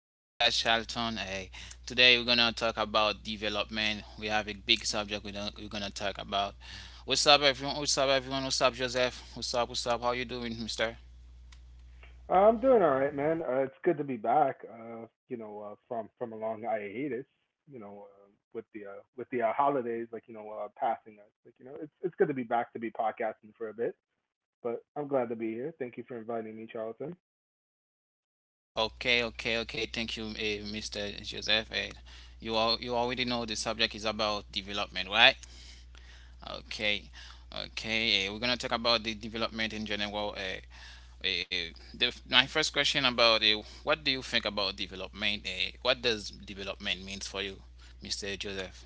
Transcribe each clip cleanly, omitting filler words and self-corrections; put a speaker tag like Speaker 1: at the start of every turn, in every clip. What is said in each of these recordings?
Speaker 1: podcast Charlton. Hey, today we're gonna talk about development. We have a big subject we don't, we're gonna talk about. What's up everyone? What's up everyone? What's up Joseph? What's up? What's up? How you doing, Mister?
Speaker 2: I'm doing all right, man. It's good to be back. From a long hiatus. You know, uh, with the with the holidays, passing us. Like you know, it's good to be back to be podcasting for a bit. But I'm glad to be here. Thank you for inviting me, Charlton.
Speaker 1: Okay, okay, okay. Thank you, Mister Joseph. You all you already know the subject is about development, right? Okay, okay. We're gonna talk about the development in general. My first question about what do you think about development? What does development means for you, Mr. Joseph?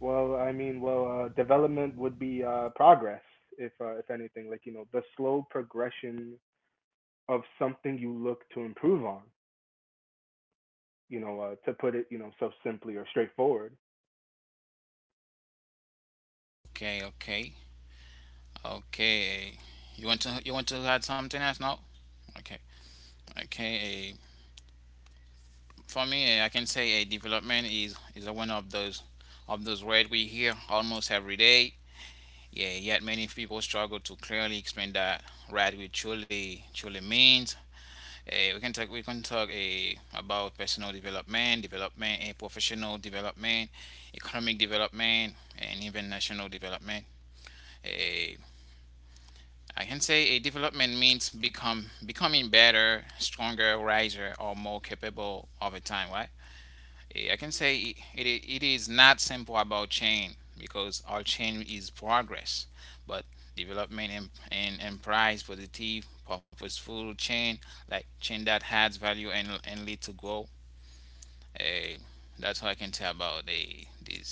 Speaker 2: Development would be progress, if anything, like you know, the slow progression of something you look to improve on. To put it, you know, so simply or straightforward.
Speaker 1: Okay, okay, okay. Eh. You want to add something else now? Okay, okay. For me, I can say development is one of those words we hear almost every day. Yeah, yet many people struggle to clearly explain that, right, what it truly means. We can talk. We can talk, about personal development, professional development, economic development, and even national development. Eh, I can say a development means become becoming better, stronger, wiser, or more capable over time, right? Eh, I can say it, It is not simple about change because our change is progress, but development and implies positive, purposeful change, like change that adds value and, lead to growth. Eh, that's all I can tell about the this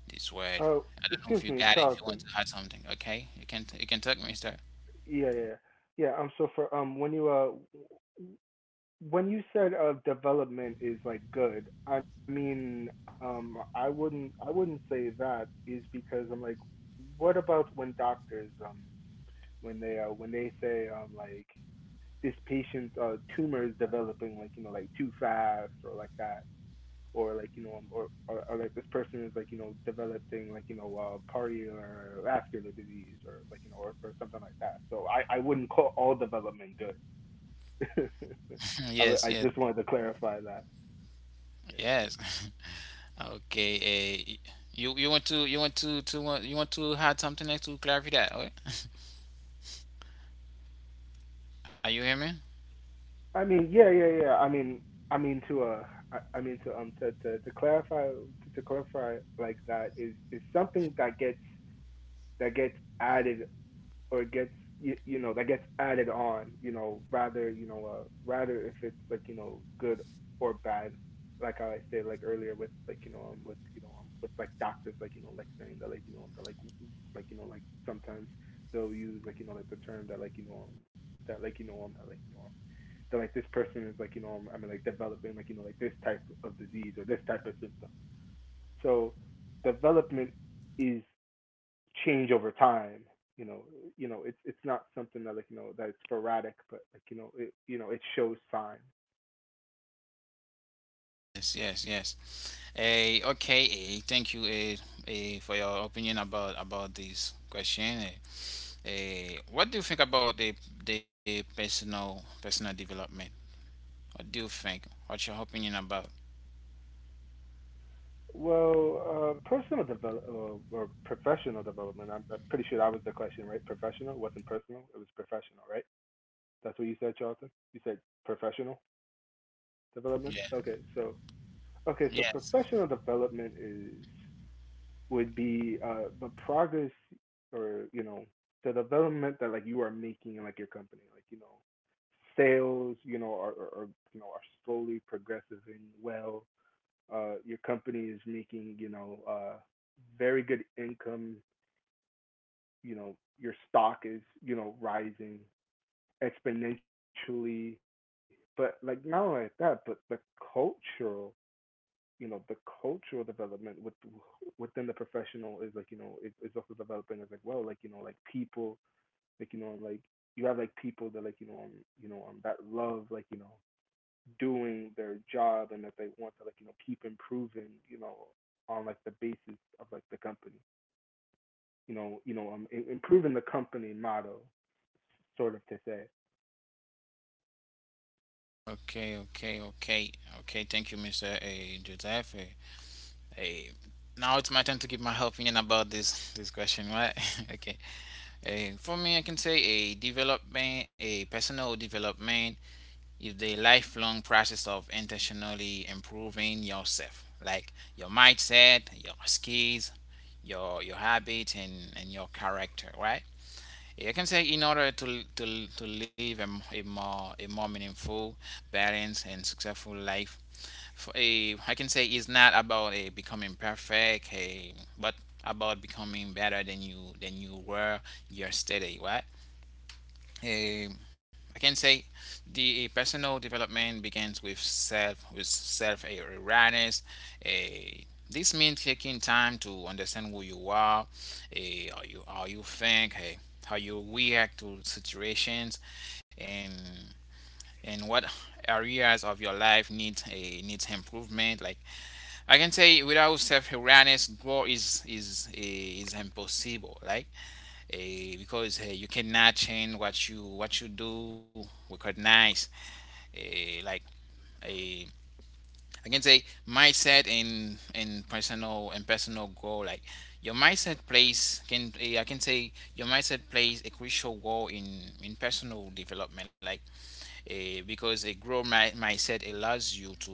Speaker 1: this word.
Speaker 2: Uh,
Speaker 1: I don't know if you
Speaker 2: Excuse me,
Speaker 1: got it. If you want
Speaker 2: Charlton.
Speaker 1: to add something, okay, you can talk, Mister.
Speaker 2: Yeah, yeah, yeah. yeah, so for When you when you said development is like good, I mean, I wouldn't say that is because I'm like, what about when doctors when they say like this patient's tumor is developing like you know like too fast or like that or like you know or like this person is like you know developing like you know party or vascular disease or like you know or something like that. So I wouldn't call all development good.
Speaker 1: yes, yes,
Speaker 2: I just wanted to clarify that. Yeah.
Speaker 1: yes. Okay. You you want to want you want to add something next to clarify that? Okay. Are you hearing me?
Speaker 2: I mean, yeah, yeah, yeah. I mean to I mean to clarify to clarify like that is something that gets added or gets you, you know that gets added on you know rather if it's like you know good or bad like how I said like earlier with like you know with you know with like doctors like you know like saying that like you know that like you know like sometimes they'll use like you know like the term that like you know that like you know that like you know that like this person is like you know I mean like developing like you know like this type of disease or this type of symptom. So development is change over time. You know, you know, it's not something that like you know that it's sporadic, but like you know, it shows signs.
Speaker 1: Yes. Okay, thank you, for your opinion about this question. What do you think about the personal development? What do you think? What's your opinion about?
Speaker 2: Well, personal develop or professional development. I'm pretty sure that was the question, right? Professional wasn't personal; it was professional, right? That's what you said, Charlton. You said professional development.
Speaker 1: Yeah.
Speaker 2: Okay, so okay, so
Speaker 1: Yes.
Speaker 2: professional development is would be the progress or you know the development that like you are making in like your company like you know sales you know are you know are slowly progressing well your company is making you know very good income, you know your stock is you know rising exponentially, but like not only that but the culture, you know the cultural development with within the professional is like you know it's also developing as like well like you know like people like you know like you have like people that like you know that love like you know doing their job and that they want to like you know keep improving you know on like the basis of like the company you know improving the company motto, sort of to say.
Speaker 1: Okay, okay, okay, okay. Thank you, Mr. Giuseppe. Eh, eh, Now it's my turn to give my opinion about this question, right? Okay. For me, I can say a personal development. It's a lifelong process of intentionally improving yourself, like your mindset, your skills, your habits, and, your character, right? You can say, in order to to live a more a more meaningful, balanced, and successful life. For a I can say it's not about a becoming perfect, but about becoming better than you were yesterday, right? eh, I can say the personal development begins with self, awareness. Eh, this means taking time to understand who you are, how you think, how you react to situations, and what areas of your life needs improvement. Like, I can say, without self awareness, growth is impossible. Like, because you cannot change what you do recognize, eh, like eh, I can say mindset in, personal goal, like your mindset plays can eh, I can say your mindset plays a crucial role in personal development, like, because a growth mindset allows you to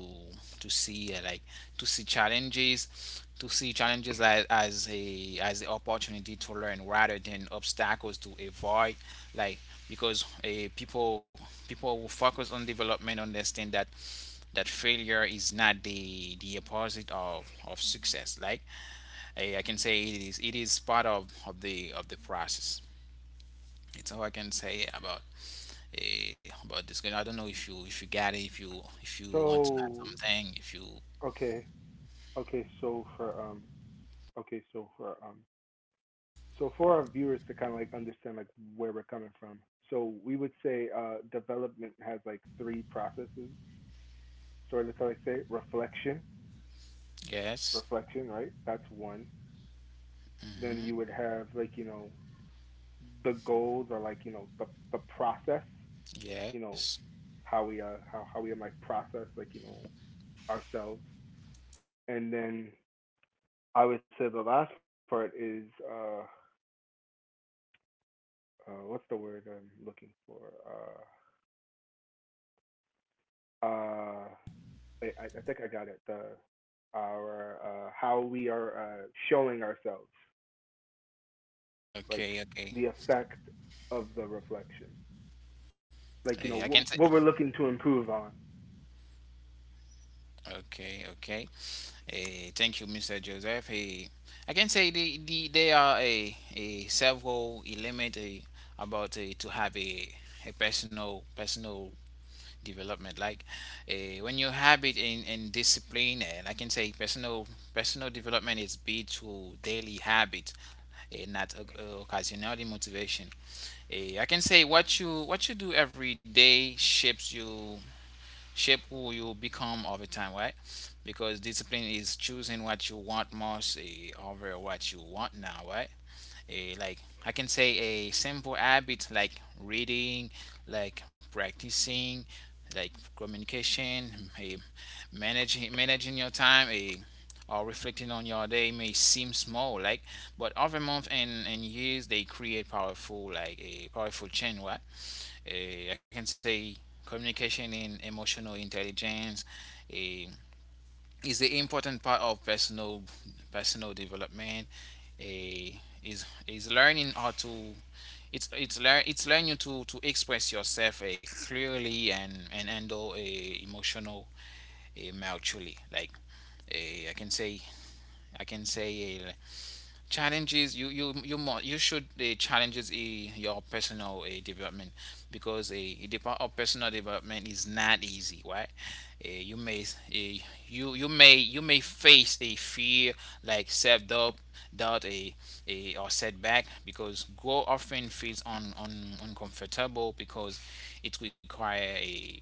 Speaker 1: to see uh, like see challenges, as a as an opportunity to learn rather than obstacles to avoid, like, because people, people who focus on development understand that failure is not the opposite of success. Like, I can say it is part of of the process. It's all I can say about, about this game. I don't know if you got it, if you want to add
Speaker 2: So
Speaker 1: something, if you
Speaker 2: okay, okay so for okay so for um so for our viewers to kind of like understand like where we're coming from. So we would say development has like three processes. Sort of to like say reflection,
Speaker 1: yes,
Speaker 2: reflection, right? That's one. Then you would have like you know the goals are like you know the process, you
Speaker 1: yes.
Speaker 2: know how we like process like you know ourselves. And then I would say the last part is uh, what's the word I'm looking for. uh uh I think I got it. The our how we are showing ourselves, like
Speaker 1: Okay, okay.
Speaker 2: the effect of the reflection,
Speaker 1: Eh,
Speaker 2: like
Speaker 1: I
Speaker 2: you know
Speaker 1: can say
Speaker 2: what we're looking to improve on.
Speaker 1: Okay, okay. Thank you, Mr. Joseph. I can say, there are, a several element, to have a personal development. Like, when you have it in discipline, and I can say personal development is built through daily habit, not occasionally motivation. I can say what you do every day shapes you shape who you become over time, right? Because discipline is choosing what you want most, over what you want now, right? a like I can say a simple habit like reading, like practicing, like communication, a managing your time, a or reflecting on your day may seem small, like, but over month and, years they create powerful like a powerful chain. What I can say communication and emotional intelligence, a is an important part of personal development. A is learning how to it's learn it's learning to express yourself, clearly, and handle a emotional, maturely. Like, eh, I can say challenges you you you must you should challenges your personal development, because personal development is not easy, right. You may, you may face a fear like self doubt, doubt a or setback, because growth often feels uncomfortable, because it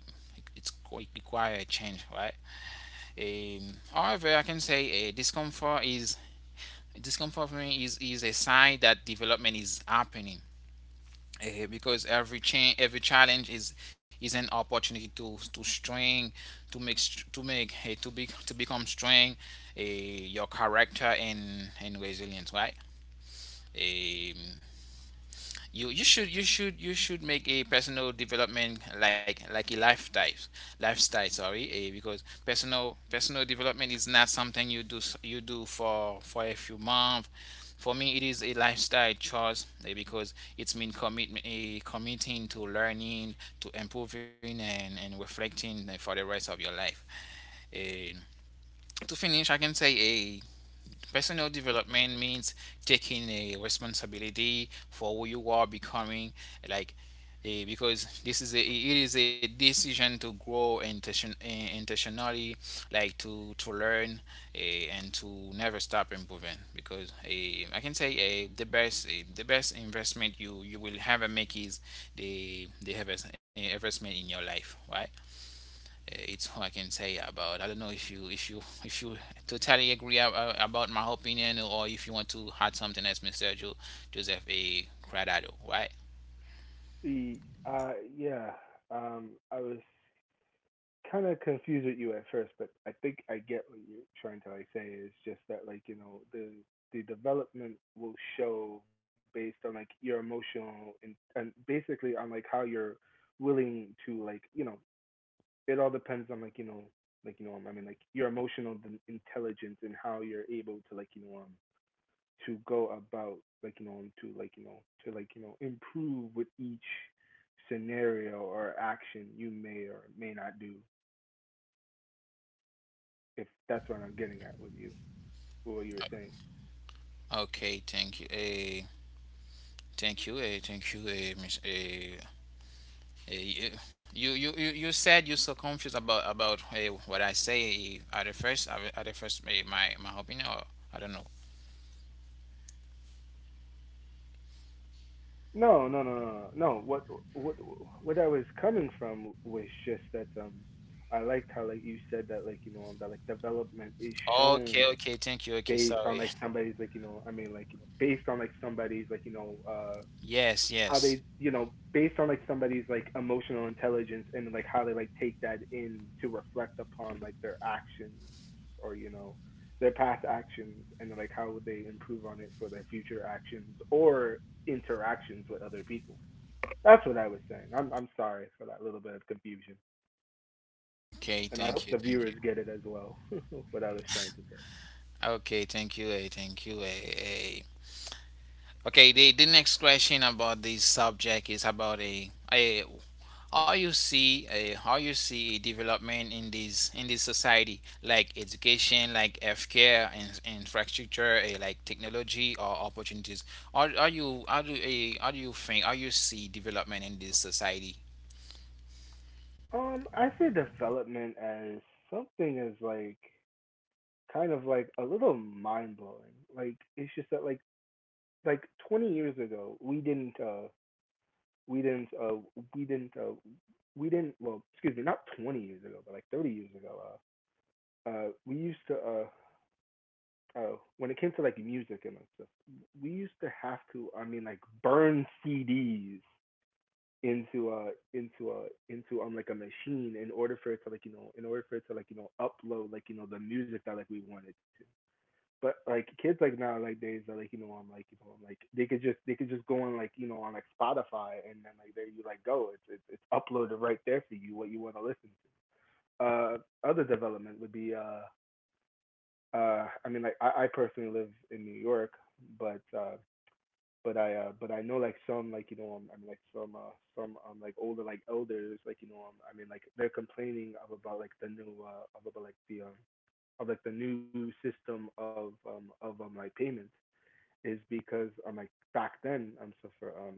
Speaker 1: it's require a change, right. However, I can say a discomfort is discomfort for me is a sign that development is happening, because every change every challenge is an opportunity to strength to make str- to make, to become strong, your character and resilience, right. Um, you you should make a personal development like a lifestyle, sorry, because personal development is not something you you do for a few months. For me it is a lifestyle choice, because it's mean commitment, a committing to learning, to improving, and reflecting, for the rest of your life. Eh, to finish, I can say a personal development means taking a responsibility for who you are becoming. Like, because this is a it is a decision to grow intentionally, like to learn, and to never stop improving. Because, I can say, the best investment you will ever make is investment in your life, right? It's all I can say about. I don't know if you totally agree about my opinion, or if you want to add something else, Mr. Joseph A. Cradado, right?
Speaker 2: The yeah, I was kind of confused with you at first, but I think I get what you're trying to like say. It's just that like you know the development will show based on like your emotional and basically on like how you're willing to like you know, it all depends on like you know I mean like your emotional intelligence and how you're able to like you know to go about like you know to like you know to like you know improve with each scenario or action you may or may not do, if that's what I'm getting at with you with what you were saying.
Speaker 1: Okay, thank you. Thank you. Thank you, Miss. Eh, you, you said you're so confused about what I say at the first, my my opinion, or I don't know.
Speaker 2: No, no, no, no, no, no. What what I was coming from was just that I liked how like you said that like you know that like development is
Speaker 1: Okay,
Speaker 2: shown
Speaker 1: okay, thank you. Okay,
Speaker 2: based on
Speaker 1: sorry.
Speaker 2: like somebody's like you know, I mean like you know based on like somebody's like you know how
Speaker 1: Yes.
Speaker 2: they you know based on like somebody's like emotional intelligence and like how they like take that in to reflect upon like their actions or you know their past actions and like how would they improve on it for their future actions or interactions with other people. That's what I was saying. I'm sorry for that little bit of confusion,
Speaker 1: Okay,
Speaker 2: and I
Speaker 1: thank
Speaker 2: hope
Speaker 1: you,
Speaker 2: the
Speaker 1: thank you.
Speaker 2: viewers get it as well. What I was trying to say.
Speaker 1: Okay, thank you, A, thank you, A. Okay, the, next question about this subject is about a how you see a how you see a development in this, in this society, like education, like healthcare, and infrastructure, like technology or opportunities. Are you How do you think, how you see development in this society?
Speaker 2: I see development as something as like kind of like a little mind blowing. Like it's just that like 20 years ago we didn't we didn't we didn't we didn't, well excuse me, not 20 years ago, but like 30 years ago, we used to when it came to like music and like stuff, we used to have to, I mean, like burn CDs into a into like a machine in order for it to like you know in order for it to like you know upload like you know the music that like we wanted to. But like kids like now like days are like you know, I'm like you know like they could just go on like you know on like Spotify, and then like there you like go, it's uploaded right there for you what you want to listen to. Other development would be I mean, like I personally live in New York, but but I know like some like you know I mean like some like older like elders like you know I mean like they're complaining of about like the new of about like the of like the new system of like payment is because like back then so for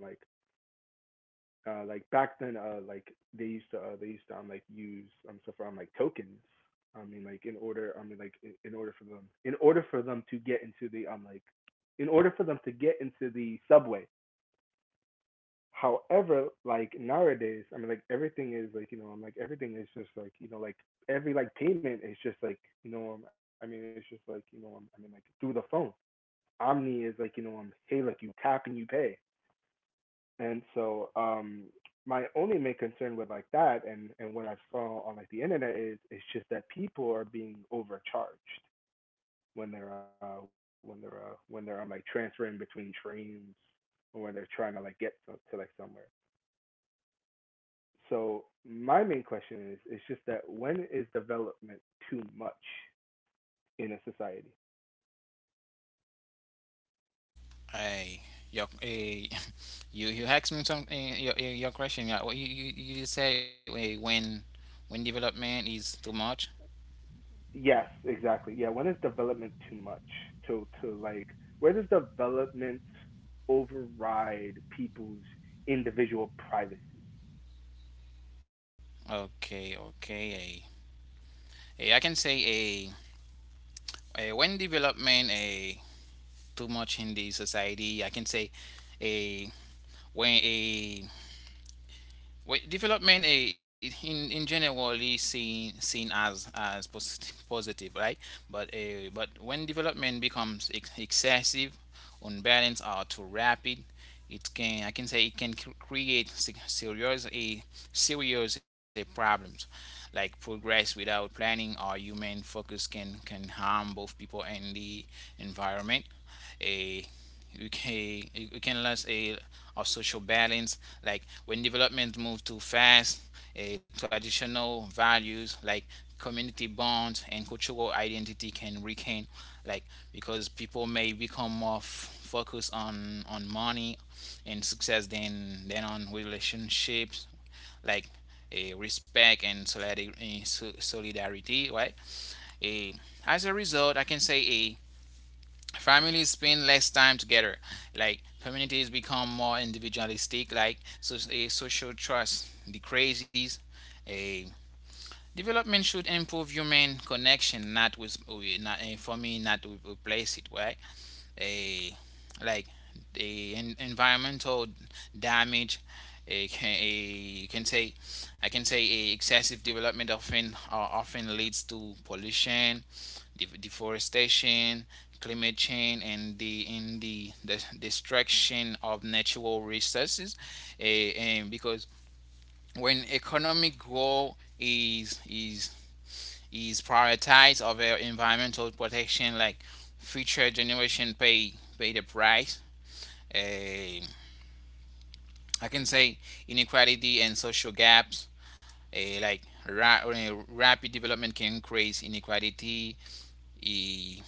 Speaker 2: like back then like they used to like use so for like tokens, I mean like in order, I mean like in order for them to get into the like in order for them to get into the subway. However, like nowadays, I mean, like everything is like you know, I'm like everything is just like you know, like every like payment is just like you know, I mean, it's just like you know, I mean, like through the phone. Omni is like you know, hey, like you tap and you pay. And so, my only main concern with like that, and what I saw on like the internet is, it's just that people are being overcharged when they're like transferring between trains, or when they're trying to like get to like somewhere. So my main question is, it's just that when is development too much in a society?
Speaker 1: A. your, a. You asked me something. Your question. Yeah. what You just say, when development is too much.
Speaker 2: Yes, exactly. Yeah, when is development too much? To like, where does development override people's individual privacy?
Speaker 1: Okay. Okay. I can say, when development a too much in the society. I can say, a when a well, development, in general is seen as positive, right? But, when development becomes excessive, unbalanced, or too rapid, it can I can say it can create serious, problems, like progress without planning or human focus can harm both people and the environment. Eh, you can lose a social balance. Like, when development moves too fast, a traditional values, like community bonds and cultural identity, can weaken, like, because people may become more focused on money and success than on relationships, like a respect and solidarity, right. a As a result, I can say, eh, families spend less time together, like communities become more individualistic, like, so a social trust decreases. A Development should improve human connection, not with not, eh, for me, not to replace it, right. a like The environmental damage, it can a can say I can say, a excessive development often, often leads to pollution, deforestation, climate change, and the destruction of natural resources. Eh, and Because when economic growth is prioritized over environmental protection, like, future generation pay the price. Eh, I can say, inequality and social gaps. eh, like Rapid development can increase inequality. Eh,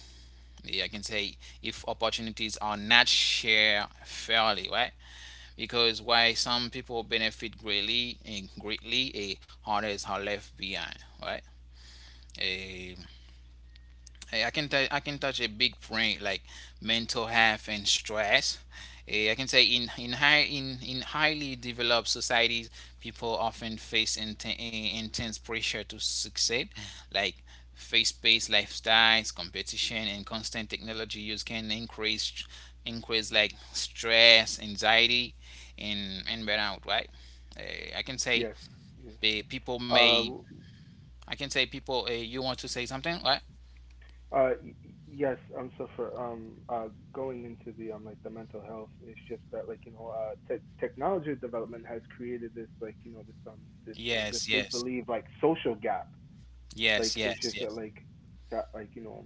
Speaker 1: I can say if opportunities are not shared fairly, right? Because while some people benefit greatly, others are left behind, right? Eh, I can touch a big point like mental health and stress. I can say in highly developed societies, people often face intense pressure to succeed, like face paced lifestyles, competition, and constant technology use can increase like stress, anxiety, and burnout. Right? I can say
Speaker 2: Yes, yes.
Speaker 1: people
Speaker 2: Uh,
Speaker 1: may, I can say people. You want to say something? Right?
Speaker 2: Uh, y- yes. So for Going into the like the mental health, it's just that like you know technology development has created this like you know this this
Speaker 1: Yes.
Speaker 2: make
Speaker 1: Yes.
Speaker 2: believe like social gap.
Speaker 1: Yes,
Speaker 2: Like it's
Speaker 1: yes,
Speaker 2: just that
Speaker 1: yes,
Speaker 2: like that like you know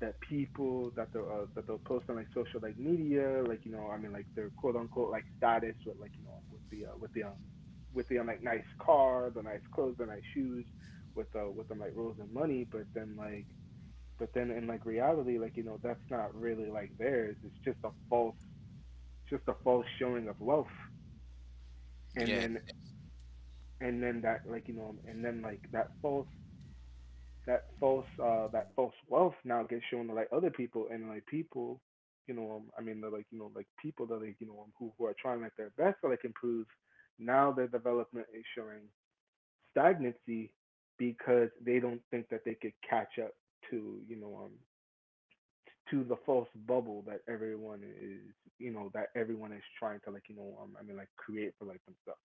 Speaker 2: that people that they'll post on like social like media like you know I mean like their quote unquote like status with like you know with the with the like nice car, the nice clothes, the nice shoes, with like rules and money, but then like but then in like reality, like you know, that's not really like theirs. It's just a false showing of wealth, and
Speaker 1: yes,
Speaker 2: then that like you know, and then like that false that false wealth now gets shown to like other people and like people you know I mean they're like you know like people that like you know who are trying like their best to like improve. Now their development is showing stagnancy because they don't think that they could catch up to you know to the false bubble that everyone is you know that everyone is trying to like you know I mean like create for like themselves.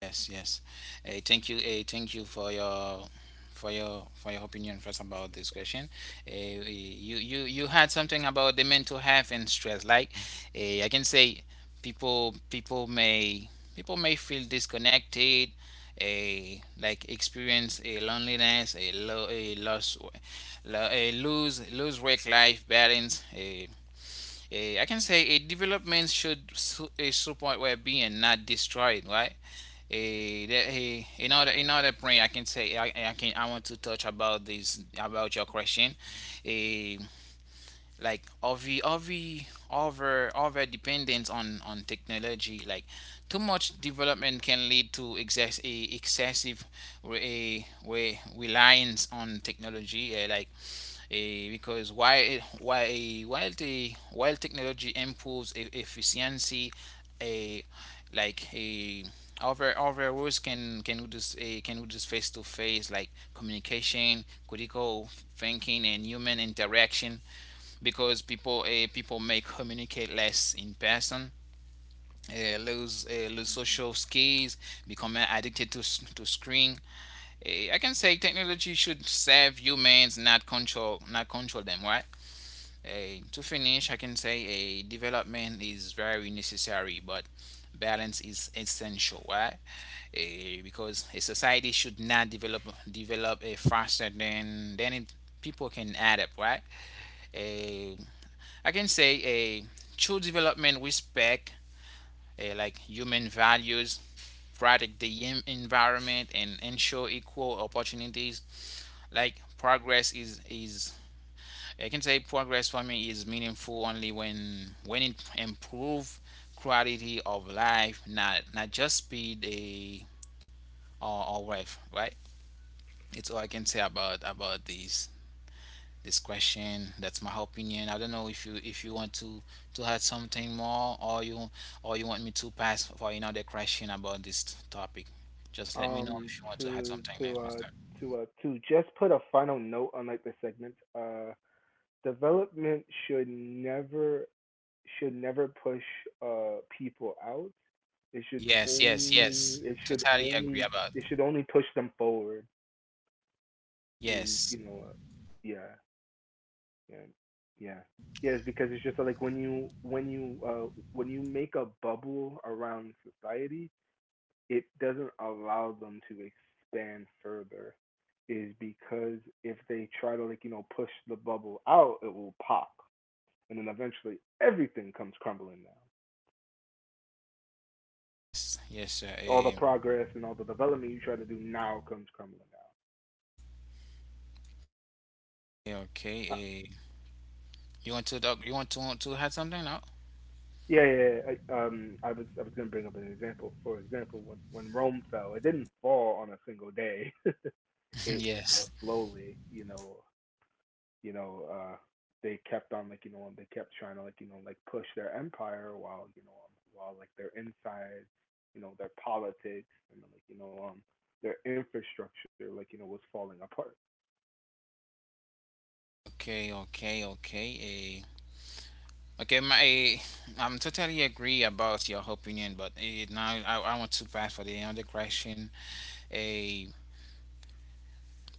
Speaker 1: yes, yes. Hey, thank you. Hey, thank you for your for your opinion first about this question. Hey, you had something about the mental health and stress. Like, I can say people people may, people may feel disconnected. A like experience a loneliness, a low, a loss, a lose work life balance, a. I can say a development should support well-being, and not destroy it, right? A that, another other point, I can say I want to touch about this about your question. A like over dependence on technology like too much development can lead to excessive reliance on technology, like because while technology improves efficiency. A like a other roles can, can we just face to face like communication, critical thinking and human interaction because people may communicate less in person, lose, lose social skills, become addicted to screen. I can say technology should serve humans, not control them, right? To finish, I can say a, development is very necessary, but balance is essential, right? Eh, because a society should not develop develop a faster than it people can add up, right? Uh, I can say a true development respect, like human values, protect the environment, and ensure equal opportunities. Like progress is is, I can say progress for me is meaningful only when it improve quality of life, not just speed a, or, wealth, right? It's all I can say about these this question. That's my opinion. I don't know if you want to add something more, or you want me to pass for another question about this topic. Just let me know
Speaker 2: Um
Speaker 1: if you want to add
Speaker 2: to
Speaker 1: something
Speaker 2: to
Speaker 1: next,
Speaker 2: uh
Speaker 1: Mister.
Speaker 2: to just put a final note on like the segment development should never push people out. It should
Speaker 1: Yes, yes, yes.
Speaker 2: only
Speaker 1: Totally agree about.
Speaker 2: it should only push them forward. Is
Speaker 1: Yes,
Speaker 2: you know yeah. Yeah. Yeah. Yeah, it's because it's just like when you when you make a bubble around society, it doesn't allow them to expand further. Is because if they try to, like, you know, push the bubble out, it will pop. And then eventually everything comes crumbling down.
Speaker 1: yes, yes, sir.
Speaker 2: All the progress and all the development you try to do now comes crumbling
Speaker 1: Okay.
Speaker 2: down.
Speaker 1: Eh. You want to talk? You want to add something now?
Speaker 2: Yeah, yeah. Yeah, I was gonna bring up an example. For example, when Rome fell, it didn't fall on a single day. It, you know,
Speaker 1: Yes.
Speaker 2: slowly, you know, they kept on like you know, they kept trying to like you know, like push their empire while you know, while like their inside, you know, their politics and like you know, their infrastructure like you know was falling apart.
Speaker 1: Okay, okay, okay. Eh. Okay, my, I'm totally agree about your opinion, but now I want to pass for the other question. A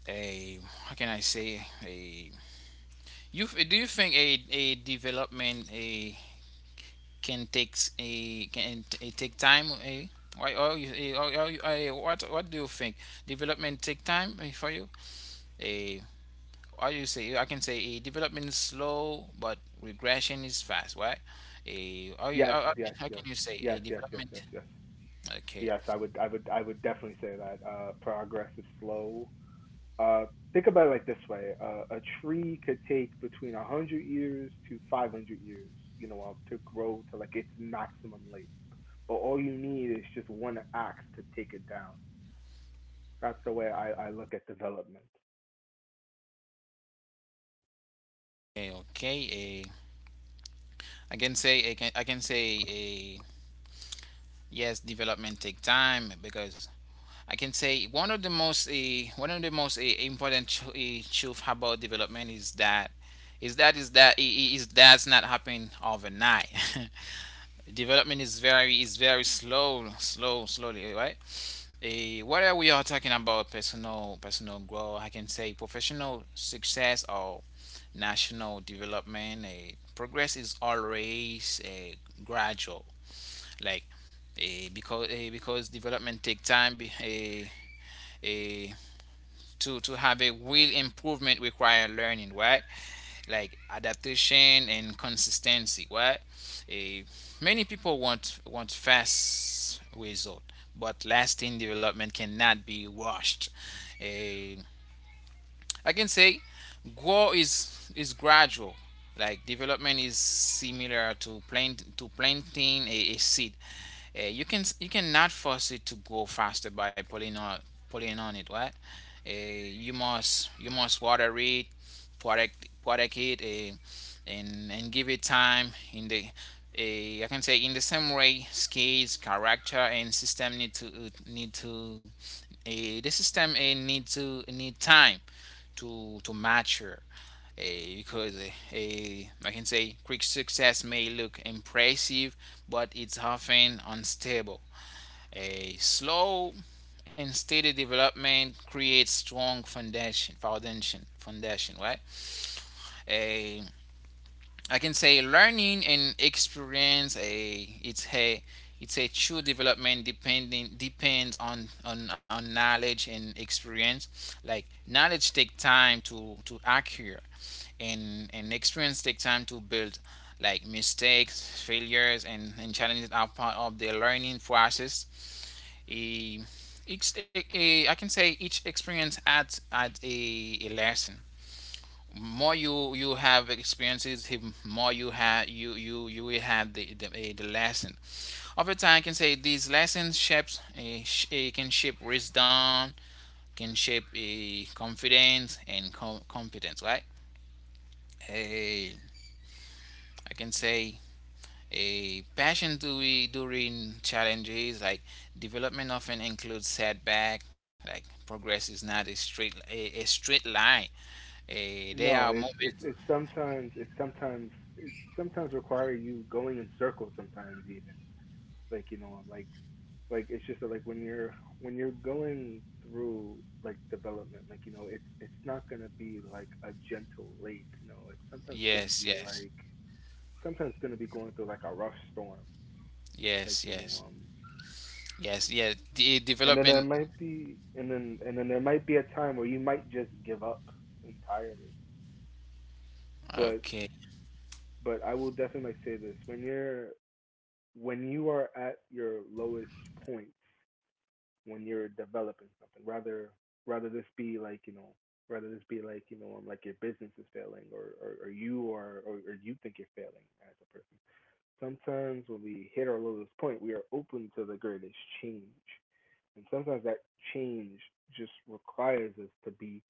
Speaker 1: a How can I say a, do you think a development a can take time a, why or you, what do you think development take time, for you a, or you say, I can say a development is slow but regression is fast. Why? A, are you,
Speaker 2: Yes, yes,
Speaker 1: how
Speaker 2: yes,
Speaker 1: can you say a
Speaker 2: yes, yes, yes,
Speaker 1: development?
Speaker 2: yes, yes.
Speaker 1: Okay.
Speaker 2: Yes, I would, I would definitely say that progress is slow. Uh, think about it like this way: a tree could take between 100 years to 500 years, you know, to grow to like its maximum length. But all you need is just one axe to take it down. That's the way I look at development.
Speaker 1: Okay. Okay. I can say I can say a, yes. Development take time because I can say one of the most important truth about development is that is that's not happen overnight. Development is very, is very slowly, right. Eh, whether we are talking about personal growth, I can say professional success or national development, progress is always, gradual, like, because development take time, eh, to have a real improvement require learning, right, like adaptation and consistency, right. Eh, many people want fast result, but lasting development cannot be rushed. Eh, I can say growth is gradual. Like development is similar to planting a seed. You cannot force it to grow faster by pulling on it, right? You must, you must water it, protect it, and give it time. In the, I can say in the same way, skills, character, and system need to, the system, need to need time to mature, I can say quick success may look impressive, but it's often unstable. A slow and steady development creates strong foundation, right? A I can say learning and experience, a it's a, it's a true development depending depends on, on knowledge and experience. Like knowledge take time to acquire, and experience take time to build. Like mistakes, failures, and, challenges are part of the learning process. A, each, I can say each experience adds a lesson, more you have experiences, more you have you will have the the lesson. Over time I can say these lessons shapes a, can shape wisdom, can shape a confidence and competence, right. A I can say a passion to we during challenges, like development often includes setback, like progress is not a straight line, a, there are
Speaker 2: No, it's
Speaker 1: moments.
Speaker 2: sometimes it sometimes require you going in circles sometimes even. Like, you know, I'm like it's just that like when you're going through like development like you know it's not going to be like a gentle lake you know it's sometimes going to
Speaker 1: Yes,
Speaker 2: be
Speaker 1: yes,
Speaker 2: like sometimes going to be going through like a rough storm like
Speaker 1: yes,
Speaker 2: you know
Speaker 1: yes.
Speaker 2: um,
Speaker 1: Yes, yeah, the
Speaker 2: and then there
Speaker 1: development.
Speaker 2: might be and then there might be a time where you might just give up entirely. But
Speaker 1: Okay,
Speaker 2: I will definitely like say this: when you're when you are at your lowest point when you're developing something, rather this be like you know like your business is failing or or you are or you think you're failing as a person. Sometimes when we hit our lowest point we are open to the greatest change, and sometimes that change just requires us to be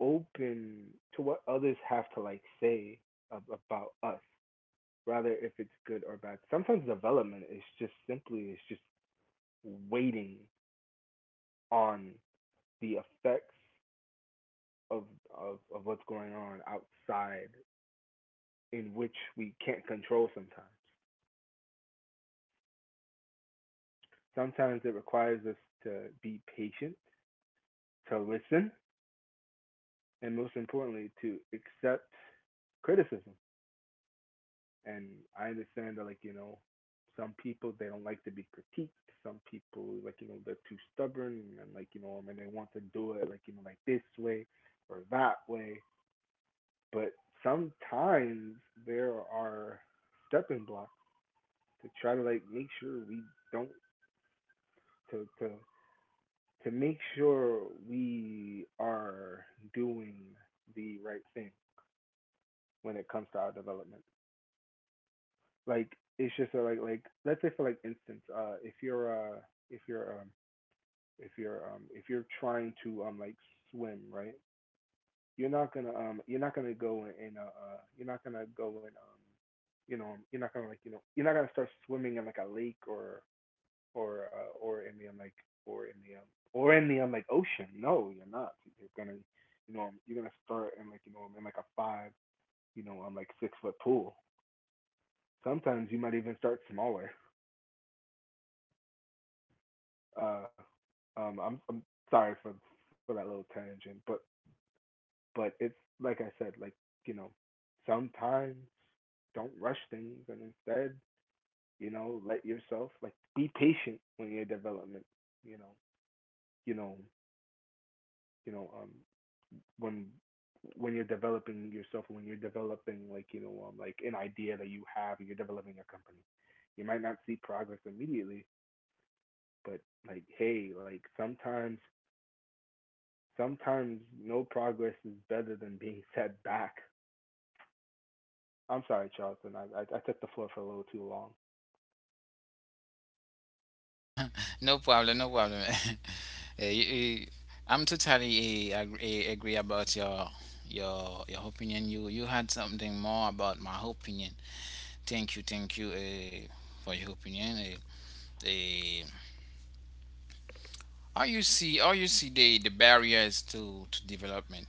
Speaker 2: open to what others have to like say about us, rather if it's good or bad. Sometimes development is just simply it's just waiting on the effects of of what's going on outside, in which we can't control sometimes. Sometimes it requires us to be patient, to listen, and most importantly to accept criticism. And I understand that like, you know, some people they don't like to be critiqued. Some people like, you know, they're too stubborn and like, you know, and they want to do it like, you know, like this way or that way. But sometimes there are stepping blocks to try to like make sure we don't to to to make sure we are doing the right thing when it comes to our development. Like it's just a like let's say for like instance, if you're if you're um if you're trying to like swim right, you're not gonna go in you're not gonna go in you know you're not gonna like you know you're not gonna start swimming in like a lake or or in the like or in the um, or in the like ocean. No, you're not. You're gonna you know you're gonna start in like you know in like a five you know like 6-foot pool. Sometimes you might even start smaller. Uh, I'm sorry for that little tangent, but it's like I said, like you know, sometimes don't rush things, and instead, you know, let yourself like be patient when your development, you know, you know, you know, when you're developing yourself and when you're developing like you know like an idea that you have and you're developing a company, you might not see progress immediately. But like hey like sometimes no progress is better than being set back. I'm sorry, Charlton. I took the floor for a little too long.
Speaker 1: no problem, no problem. Eh, you- I'm totally, agree about your your opinion. You had something more about my opinion. Thank you, thank you, for your opinion. Uh, how you see, how you see the barriers to development?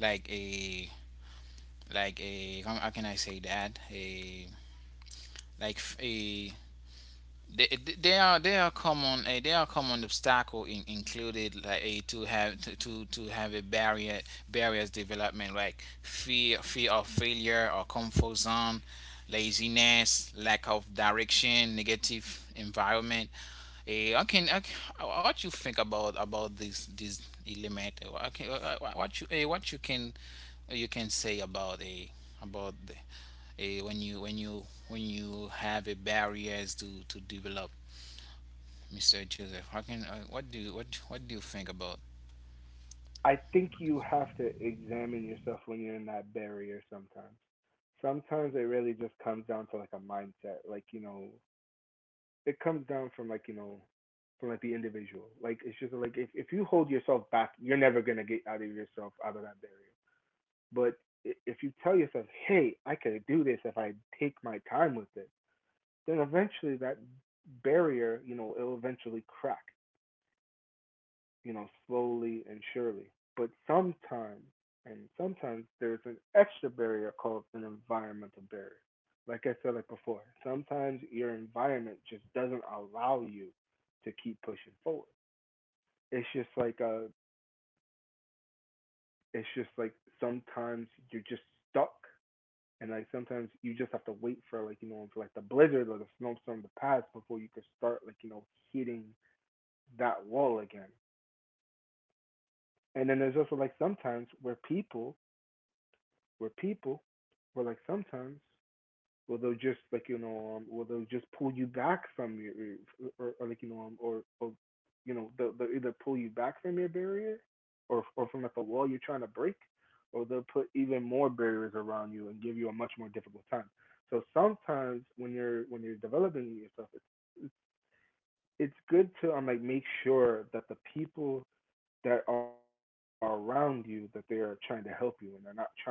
Speaker 1: Like a, like a, how can I say that? A, like a, they, they are common they are common obstacle in, included like, to have to, to have a barrier, barriers development, like fear of failure, or comfort zone, laziness, lack of direction, negative environment. Eh, I can can, what you think about this this element. Okay, what you, what you can, you can say about a, about the, when you when you have a barriers to develop, Mr. Joseph. How can, what do you, what do you think about?
Speaker 2: I think you have to examine yourself when you're in that barrier. Sometimes it really just comes down to like a mindset, like you know it comes down from like you know from like the individual. Like it's just like if you hold yourself back, you're never gonna get out of yourself out of that barrier. But if you tell yourself, "Hey, I could do this if I take my time with it," then eventually that barrier, you know, it'll eventually crack, you know, slowly and surely. But sometimes, and sometimes there's an extra barrier called an environmental barrier. Like I said like before, sometimes your environment just doesn't allow you to keep pushing forward. It's just like uh it's just like sometimes you're just stuck, and like sometimes you just have to wait for like you know for like the blizzard or the snowstorm to pass before you can start like you know hitting that wall again. And then there's also like sometimes where people where people where like sometimes will they just like you know, will they just pull you back from your, or like you know, or you know, they'll either pull you back from your barrier, or from like the wall you're trying to break, or they'll put even more barriers around you and give you a much more difficult time. So sometimes when you're developing yourself, it's good to like make sure that the people that are around you that they are trying to help you and they're not trying to harm you.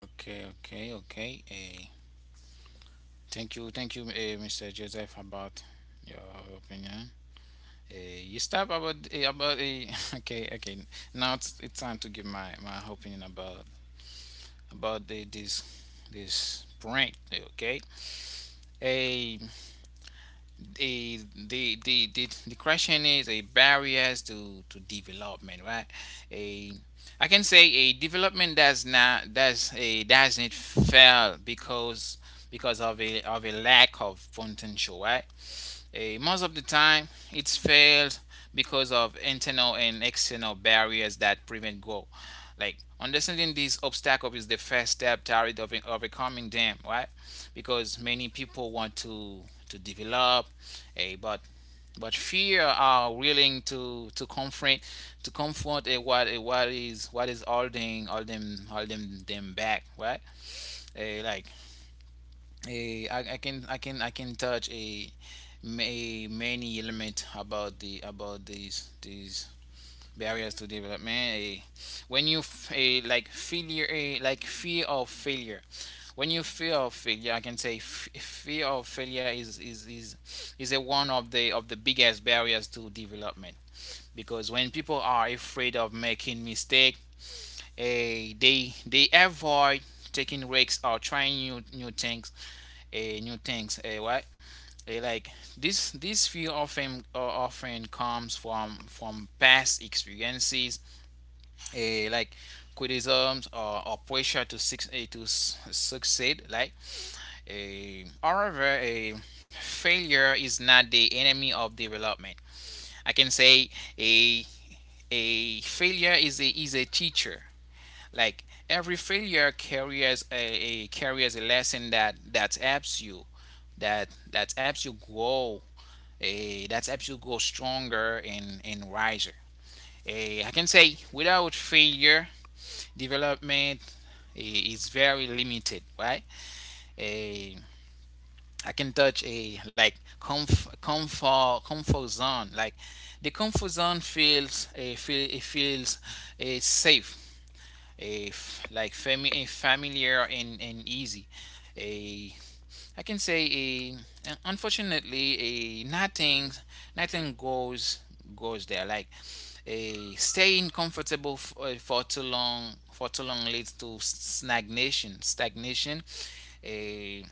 Speaker 1: Okay, okay, okay. Thank you, Mr. Joseph, about your opinion. Uh, you stop about, okay, okay. Now it's time to give my my opinion about the, this prank. Okay. Hey, the, the question is a barriers to development, right. A I can say a development does not doesn't fail because of a, of a lack of potential, right. Eh, most of the time, it's failed because of internal and external barriers that prevent growth. Like understanding these obstacles is the first step toward overcoming them, right? Because many people want to develop, eh, but but fear are willing to to confront, what is, what is holding all them holding them back, right? Eh, like I can, I can touch a, many element about the, about these barriers to development. A, when you f- a like failure, a like fear of failure. When you fear of failure, I can say fear of failure is is a one of the biggest barriers to development, because when people are afraid of making mistake. Eh, they avoid taking risks or trying new things, right? Eh, like this fear often, often comes from past experiences, like criticisms, or pressure to succeed. Like, however, a failure is not the enemy of development. I can say a a failure is a teacher, like every failure a carries a lesson that helps you, that helps you grow, a, that helps you grow stronger and wiser. Eh, I can say without failure, development, i- is very limited, right? Eh, I can touch a, like comfort zone. Like the comfort zone feels a, feels a safe, like a familiar, and, easy, a. I can say a, unfortunately a, nothing, goes, there, like a staying comfortable, for too long leads to stagnation a.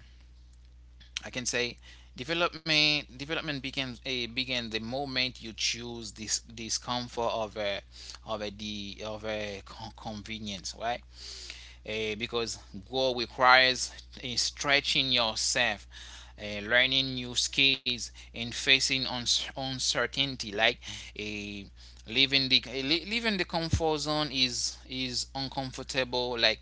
Speaker 1: I can say development begin the moment you choose this, this comfort of a, of a, the of a, convenience, right? Eh, because growth requires, stretching yourself, learning new skills, and facing uncertainty. Like, a leaving the leaving the comfort zone is uncomfortable. Like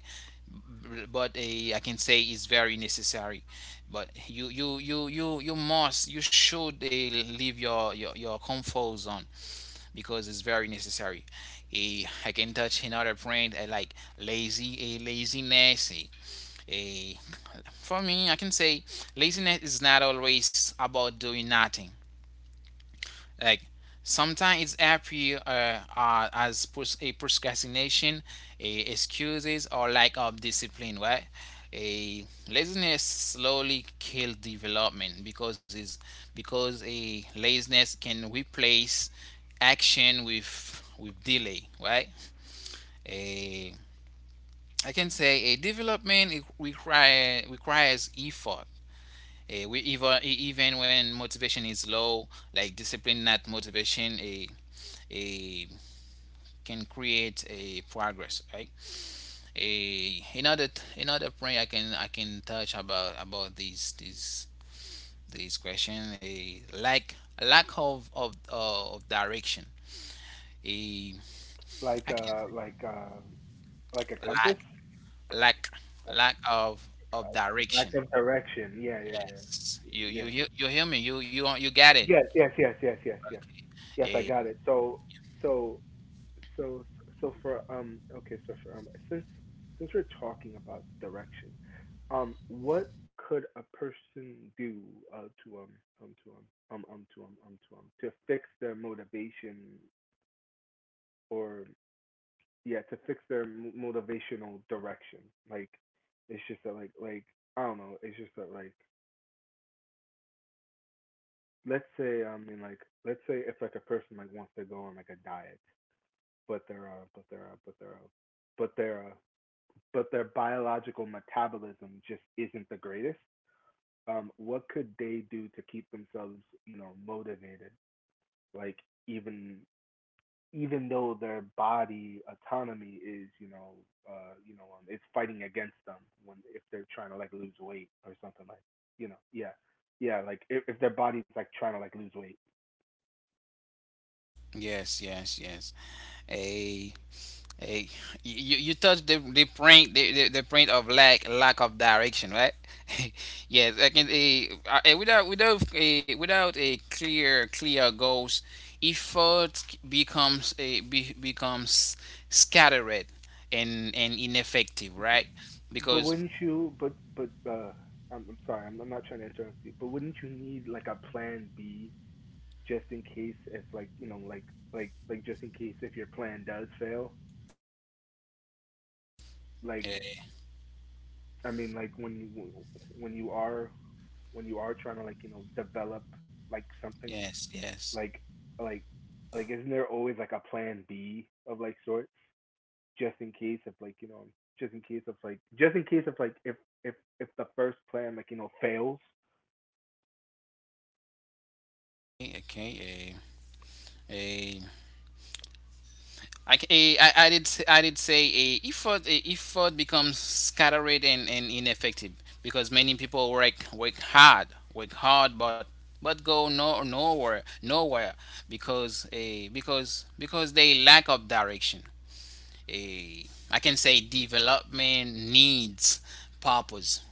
Speaker 1: but uh, I can say is very necessary. But you must you should leave your comfort zone because it's very necessary. I can touch another point, like lazy a laziness. Eh, for me, I can say laziness is not always about doing nothing. Like, sometimes it's appear as pros- a procrastination, a excuses, or lack of discipline. Right? A Laziness slowly kills development because is because a laziness can replace action with delay. Right? A I can say a development requires effort, even when motivation is low, like discipline, not motivation, a can create a progress, right? A another Another point I can touch about this question, a lack lack of direction. A
Speaker 2: Like
Speaker 1: I can
Speaker 2: uh like uh like a
Speaker 1: lack
Speaker 2: compass.
Speaker 1: lack lack of
Speaker 2: Lack
Speaker 1: direction.
Speaker 2: of direction. Yeah, yeah,
Speaker 1: Yes,
Speaker 2: yeah,
Speaker 1: you
Speaker 2: yeah.
Speaker 1: you you, you hear me? You got it?
Speaker 2: Yes, yes, yes, yes, yes, yes.
Speaker 1: Okay.
Speaker 2: Yes, I
Speaker 1: A
Speaker 2: got it. So, so, so, so for okay, so for since we're talking about direction, what could a person do to um to um to fix their motivation or yeah to fix their motivational direction? Like, it's just that like I don't know. It's just that like let's say I mean like let's say if like a person like wants to go on like a diet, but their but their uh, but their biological metabolism just isn't the greatest. What could they do to keep themselves you know motivated? Like even though their body autonomy is you know it's fighting against them when if they're trying to like lose weight or something like you know. Yeah, yeah like if, their body's like trying to like lose weight.
Speaker 1: Yes, yes, yes. A a You touch the point, the point of lack of direction, right? Yes, I can, a without a clear goals, effort becomes scattered and ineffective, right?
Speaker 2: But
Speaker 1: Because.
Speaker 2: wouldn't you? But I'm sorry. I'm not trying to interrupt you. But wouldn't you need like a plan B just in case if like you know like like just in case if your plan does fail? Like
Speaker 1: eh,
Speaker 2: I mean like when you when you are when you are trying to like you know develop like something
Speaker 1: yes, yes.
Speaker 2: like like like isn't there always like a plan B of like sorts just in case of like you know just in case of like if if if the first plan like you know fails.
Speaker 1: Okay, okay. I I did say a effort becomes scattered and ineffective because many people work hard but go no nowhere because a because because they lack of direction. A I can say development needs purpose.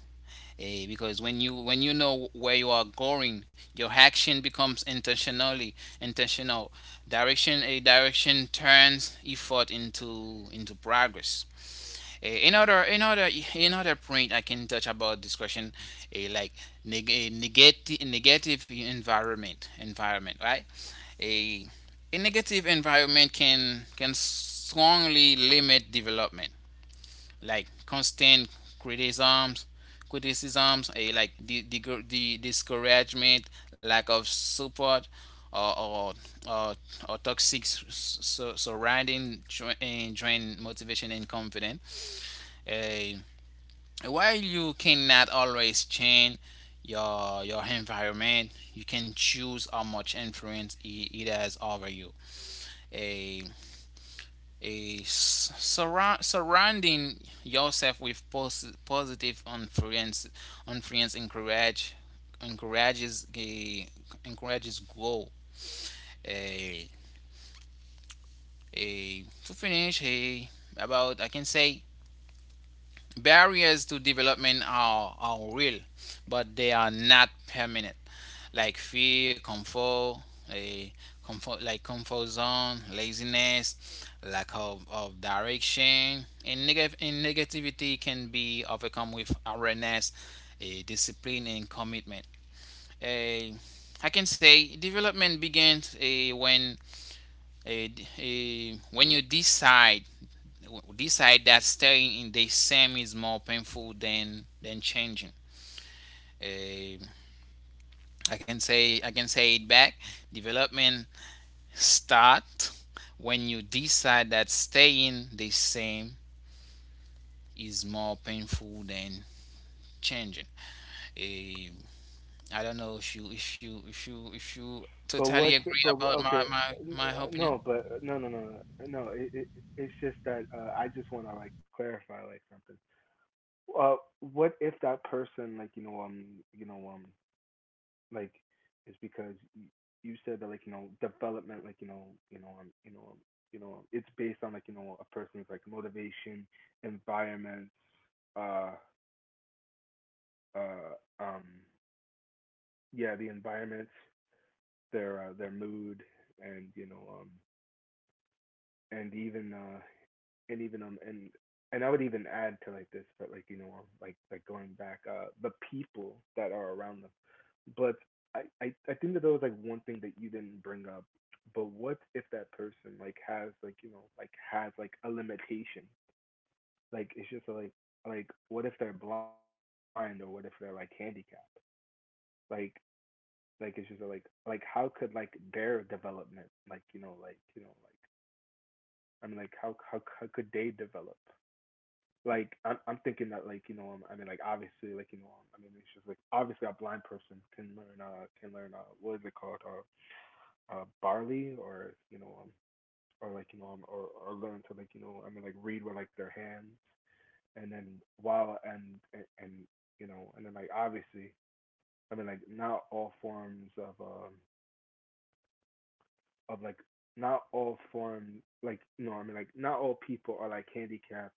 Speaker 1: Because when you know where you are going, your action becomes intentional. Direction turns effort into progress. Eh, another another Another point I can touch about this question, like neg- a negative negative environment, right. A a negative environment can strongly limit development, like constant criticisms criticisms, like the discouragement, lack of support, or or, or, or toxic surrounding, and drain motivation and confidence. Eh, while you cannot always change your environment, you can choose how much influence it has over you. Uh, Surrounding yourself with positive influence encourages a encourages growth. A a To finish, a about I can say barriers to development are real, but they are not permanent. Like fear, comfort, a comfort like comfort zone, laziness, lack of direction, negative and negativity can be overcome with awareness, a discipline, and commitment. A I can say development begins, eh, when eh, d- eh, when you decide that staying in the same is more painful than changing. Eh, I can say, it back. Development start when you decide that staying the same is more painful than changing. Eh, I don't know if you
Speaker 2: But
Speaker 1: totally
Speaker 2: what's
Speaker 1: agree
Speaker 2: but
Speaker 1: about my
Speaker 2: okay,
Speaker 1: my my opinion.
Speaker 2: no, but no, no, no, no, no. It, it's just that I just want to like clarify like something. What if that person like you know um like is because you said that like development like you know you know you know you know it's based on like you know a person's like motivation, environment, uh uh um yeah the environment, their mood, and and even and even and I would even add to like this, but like like going back, the people that are around them. But I think that there was like one thing that you didn't bring up. But what if that person like has like you know like has like a limitation? Like it's just like what if they're blind or what if they're like handicapped? Like it's just like how could like their development like like I mean like how could they develop like I'm thinking that like I mean like obviously like I mean it's just like obviously a blind person can learn what is it called barley or or like or learn to like you know I mean like read with like their hands and then while and you know and then like obviously I mean like not all forms of like not all forms like you know I mean like not all people are like handicapped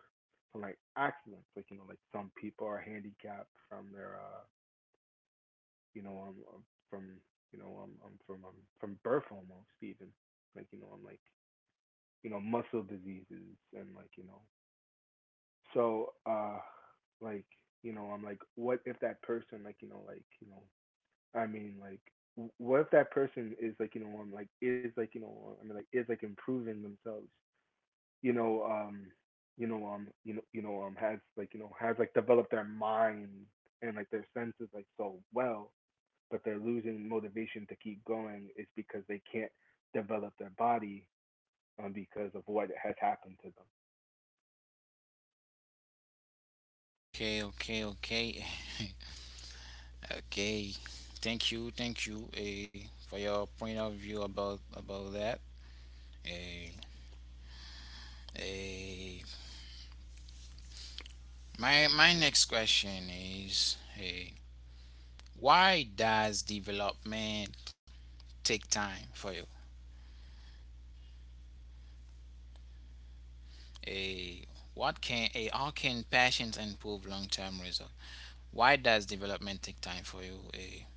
Speaker 2: from like accidents like you know like some people are handicapped from their you know um um, from you know um, um from um, from birth almost even like you know I'm like you know muscle diseases and like you know so like you know I'm like what if that person like I mean like what if that person is like like is like I mean like is like improving themselves you know, you know, you know, you know, has like, you know, has like developed their mind and like their senses like so well, but they're losing motivation to keep going is because they can't develop their body because of what has happened to them.
Speaker 1: Okay, okay, okay, okay. Thank you, for your point of view about that. Hey, hey. My next question is, hey, why does development take time for you? Hey, how can patience improve long term result? Why does development take time for you? Hey,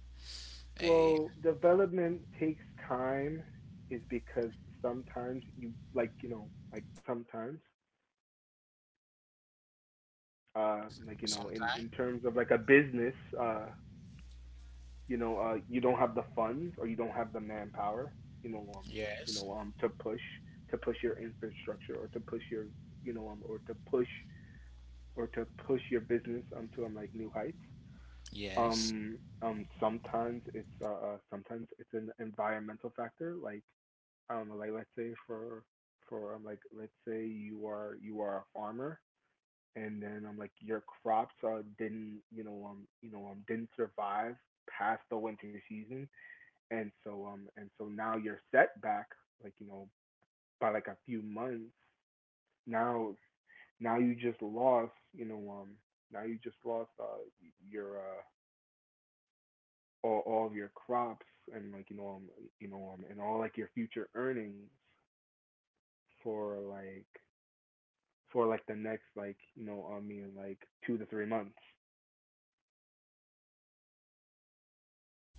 Speaker 1: hey,
Speaker 2: Well, development takes time, is because sometimes you like, you know, like sometimes, like you know,
Speaker 1: sometime.
Speaker 2: in terms of like a business, uh, you know, you don't have the funds or you don't have the manpower, you know, um,
Speaker 1: Yes.
Speaker 2: to push your infrastructure or to push your, or to push your business onto like new heights.
Speaker 1: Yes.
Speaker 2: Sometimes it's an environmental factor, like I don't know, like let's say for like let's say you are a farmer and then like your crops didn't didn't survive past the winter season and so now you're set back like you know by like a few months now now you just lost now you just lost your all of your crops and like and all like your future earnings for like for like the next like you know I mean like 2 to 3 months.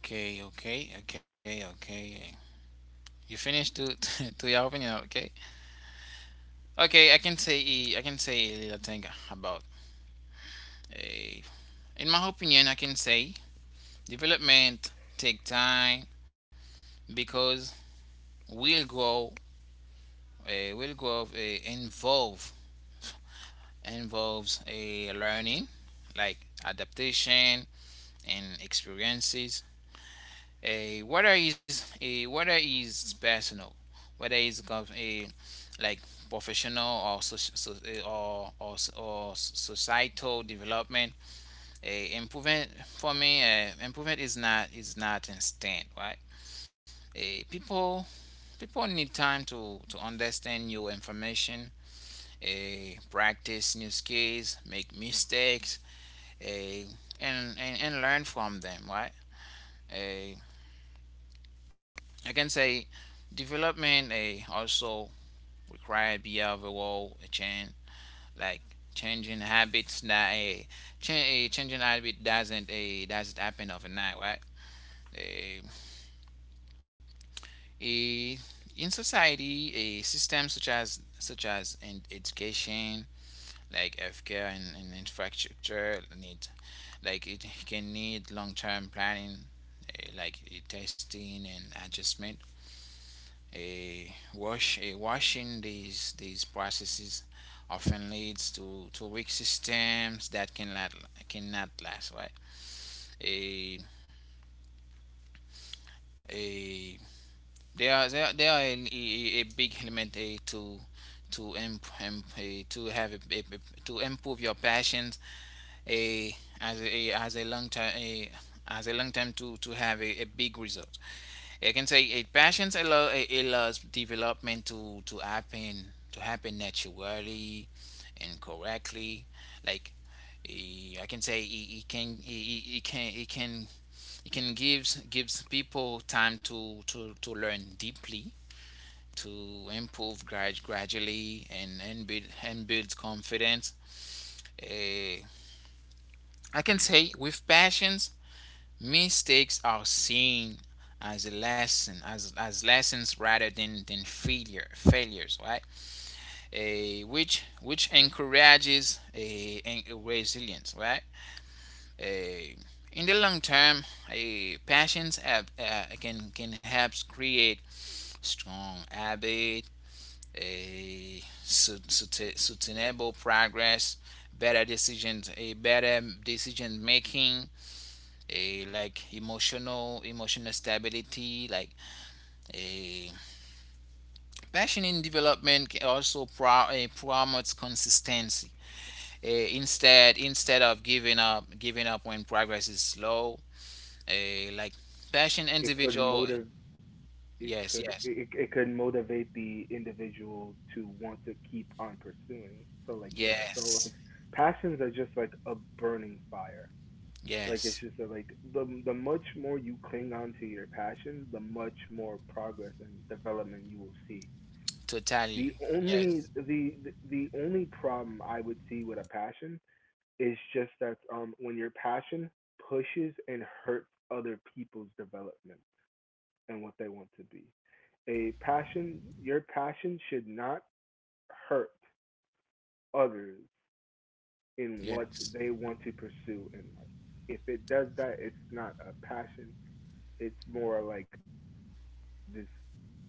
Speaker 1: Okay. Okay. Okay. Okay. Eh. You finished to to your opinion. Okay. Okay. I can say, I can say a little thing about. eh, in my opinion, I can say development take time because will grow, will grow, involves a learning, like adaptation and experiences. A Whether is personal, whether is a like professional, or soci- so, eh, or societal development, a improvement, for me, improvement is not instant, right. Eh, people People need time, to understand new information, practice new skills, make mistakes, eh, and learn from them, right? Eh, I can say development, also require behavioral change, like changing habits that changing habit doesn't a doesn't happen overnight, right? Eh, eh, in society, a system such as in education, like healthcare and infrastructure need, like, it can need long-term planning, like testing and adjustment. A wash a Washing these processes often leads to weak systems that cannot last, right. a a there are there There are a big element a to have to improve your passions, a as a as a long time, a as a long time to have a big result. I can say a patience allows development to to happen naturally and correctly. Like, I can say it, it can it, it it can it can it can gives people time to learn deeply, to improve gradually, and build confidence. Eh, I can say with passions, mistakes are seen as a lesson, as lessons, rather than failures, right? A Which encourages a resilience, right? A In the long term, a patience, can help create strong habit, a sustainable progress, better decisions, a better decision making, a like emotional stability, like a passion in development can also promotes consistency. Instead of giving up when progress is slow, a like passion
Speaker 2: It could
Speaker 1: individual.
Speaker 2: motive
Speaker 1: Yes, yes,
Speaker 2: it, it could motivate the individual to want to keep on pursuing so like yeah so
Speaker 1: yes,
Speaker 2: like passions are just like a burning fire like it's
Speaker 1: yes,
Speaker 2: just that like the much more you cling on to your passion the much more progress and development you will see. The
Speaker 1: totally.
Speaker 2: only
Speaker 1: Yes,
Speaker 2: the the only problem I would see with a passion is just that when your passion pushes and hurts other people's development and what they want to be. A passion, your passion should not hurt others in what
Speaker 1: yes,
Speaker 2: they want to pursue in life. If it does that, it's not a passion. It's more like this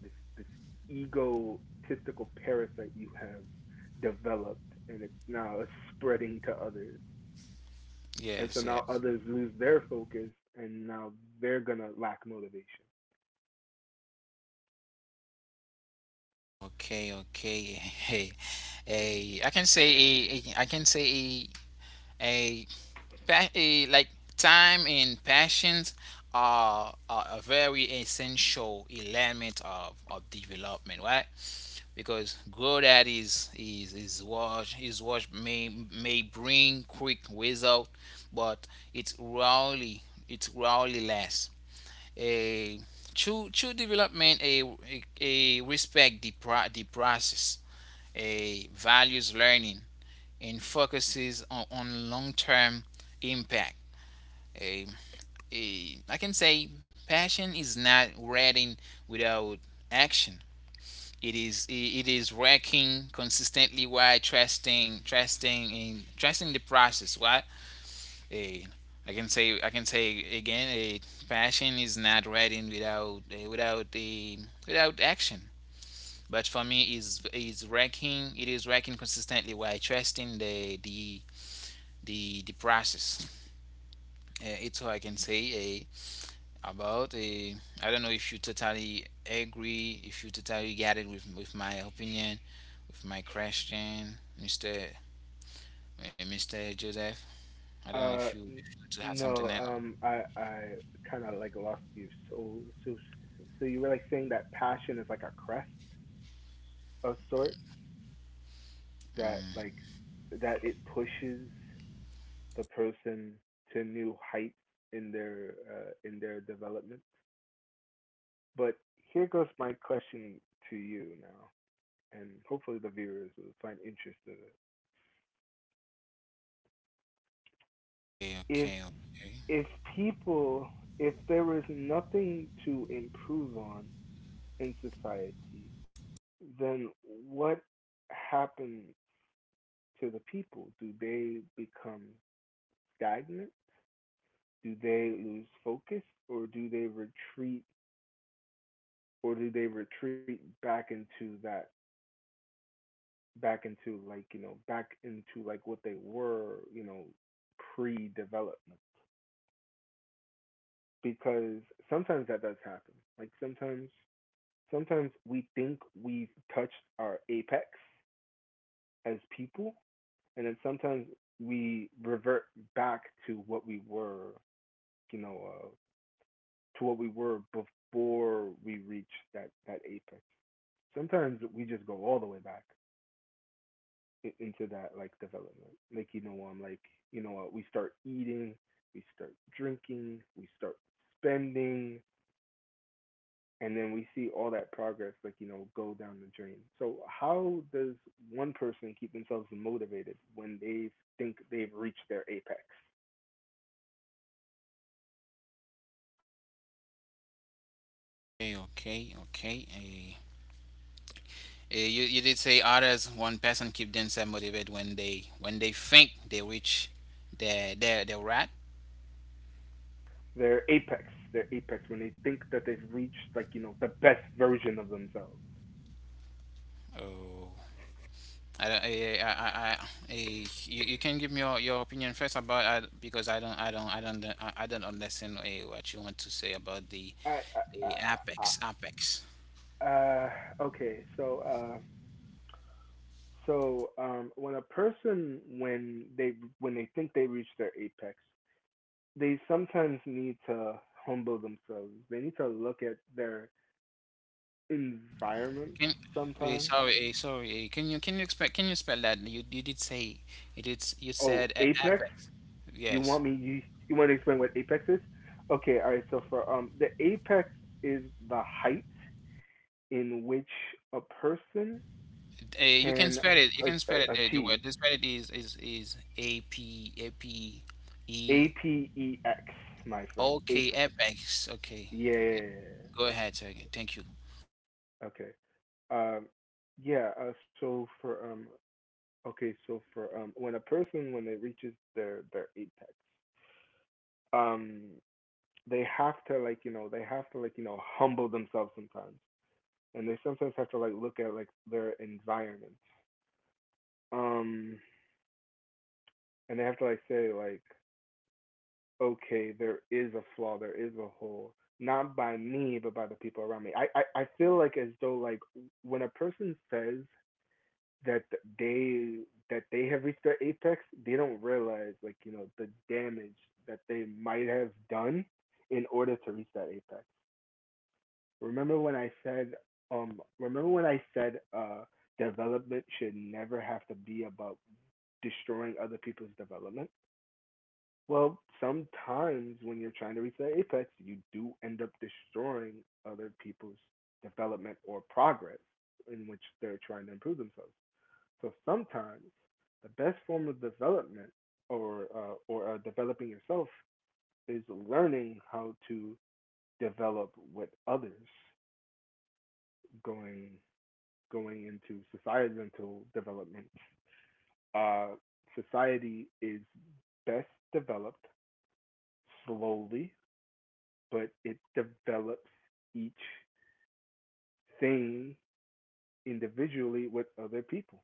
Speaker 2: this this egotistical parasite you have developed, and it's now spreading to others. And so
Speaker 1: yes,
Speaker 2: now
Speaker 1: yes.
Speaker 2: others lose their focus, and now they're gonna lack motivation.
Speaker 1: Okay, okay. Hey. Ai can say a I can say, a like time and passions are a very essential element of development, right, because growth that is what may bring quick result, but it's rarely it's rarely less. A True development, a respect the process, a values learning, and focuses on long-term impact. I can say passion is not reading without action. It is it is working consistently while trusting the process. What? eh, I can say, again, passion is not reading without eh, without the without action. But for me, is working. It is working consistently while trusting the process. It's how I can say. A. about a I don't know if you totally agree, if you totally get it with my opinion, with my question, Mr. Mr. Joseph. I don't know if
Speaker 2: Uh,
Speaker 1: you if
Speaker 2: n-
Speaker 1: you to have something
Speaker 2: no,
Speaker 1: else.
Speaker 2: I kind of like lost you. So so you were like saying that passion is like a crest of sort that that it pushes the person to new heights in their development. But here goes my question to you now, and hopefully the viewers will find interest in it.
Speaker 1: Okay,
Speaker 2: If
Speaker 1: okay,
Speaker 2: if people, if there was nothing to improve on in society, then what happens to the people? Do they become stagnant? Do they lose focus, or do they retreat, back into that, back into like, you know, back into like what they were, you know, pre-development? Because sometimes that does happen. Like sometimes we think we've touched our apex as people, and then sometimes we revert back to what we were, you know, uh, to what we were before we reached that apex. Sometimes we just go all the way back into that like development. Like like we start eating, we start drinking, we start spending, and then we see all that progress like you know go down the drain. So how does one person keep themselves motivated when they think they've reached their apex?
Speaker 1: okay, okay, okay, okay. Eh. You did say others, one person keep themselves motivated when they think they reach their, right?
Speaker 2: Their apex, their apex when they think that they've reached like you know the best version of themselves.
Speaker 1: Oh, I don't. I, you can give me your opinion first about I, because I don't understand, what you want to say about
Speaker 2: I, I,
Speaker 1: the
Speaker 2: I,
Speaker 1: apex.
Speaker 2: I okay, so so when a person, when they think they reach their apex, they sometimes need to humble themselves. They need to look at their environment
Speaker 1: Can.
Speaker 2: sometimes.
Speaker 1: Sorry, can you spell that? You did say it is — you
Speaker 2: Oh,
Speaker 1: said,
Speaker 2: apex?
Speaker 1: apex.
Speaker 2: You
Speaker 1: Yes.
Speaker 2: want me? You want to explain what apex is? Okay, all right. So for the apex is the height in which a person can
Speaker 1: You
Speaker 2: a-
Speaker 1: can spell it, the word,
Speaker 2: achieve.
Speaker 1: the spell it is, a p, a p, e.
Speaker 2: Apex, my friend.
Speaker 1: Okay,
Speaker 2: Apex.
Speaker 1: apex. Okay.
Speaker 2: Yeah.
Speaker 1: Go ahead, sir. Thank you.
Speaker 2: Okay. Um yeah, so for okay, so for when a person when it reaches their apex, um they have to like, you know, humble themselves sometimes. And they sometimes have to like look at like their environment. Um and they have to like say like okay, there is a flaw, there is a hole, not by me, but by the people around me. I feel like as though like when a person says that they that they have reached their apex, they don't realize like you know the damage that they might have done in order to reach that apex. Remember when I said um remember when I said uh development should never have to be about destroying other people's development? Well, sometimes when you're trying to reach that apex, you do end up destroying other people's development or progress in which they're trying to improve themselves. So sometimes the best form of development or developing yourself is learning how to develop with others, going into societal development. Uh, society is best developed slowly, but it develops each thing individually with other people.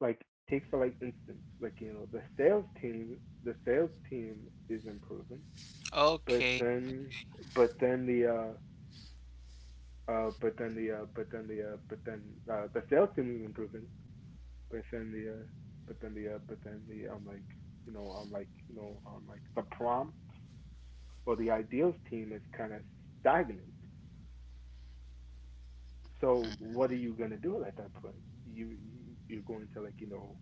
Speaker 2: Like take for like instance, like you know, the sales team is improving, but
Speaker 1: Okay.
Speaker 2: then but then the but then the but then the but then the sales team is improving, but then the but then the but then the like like the prompt or the ideals team is kind of stagnant. So what are you gonna do at that point? You you're going to like you know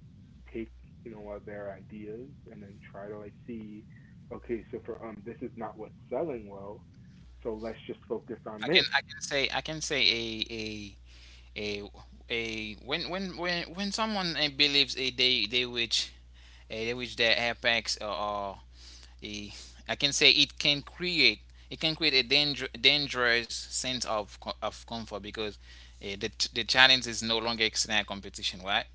Speaker 2: take their ideas and then try to like see, okay, so for this is not what's selling well, so let's just focus on this.
Speaker 1: I can say, a a a when someone, believes, they reach, their apex, or, a, I can say it can create, it can create a danger, dangerous sense of of comfort, because the challenge is no longer external competition, right?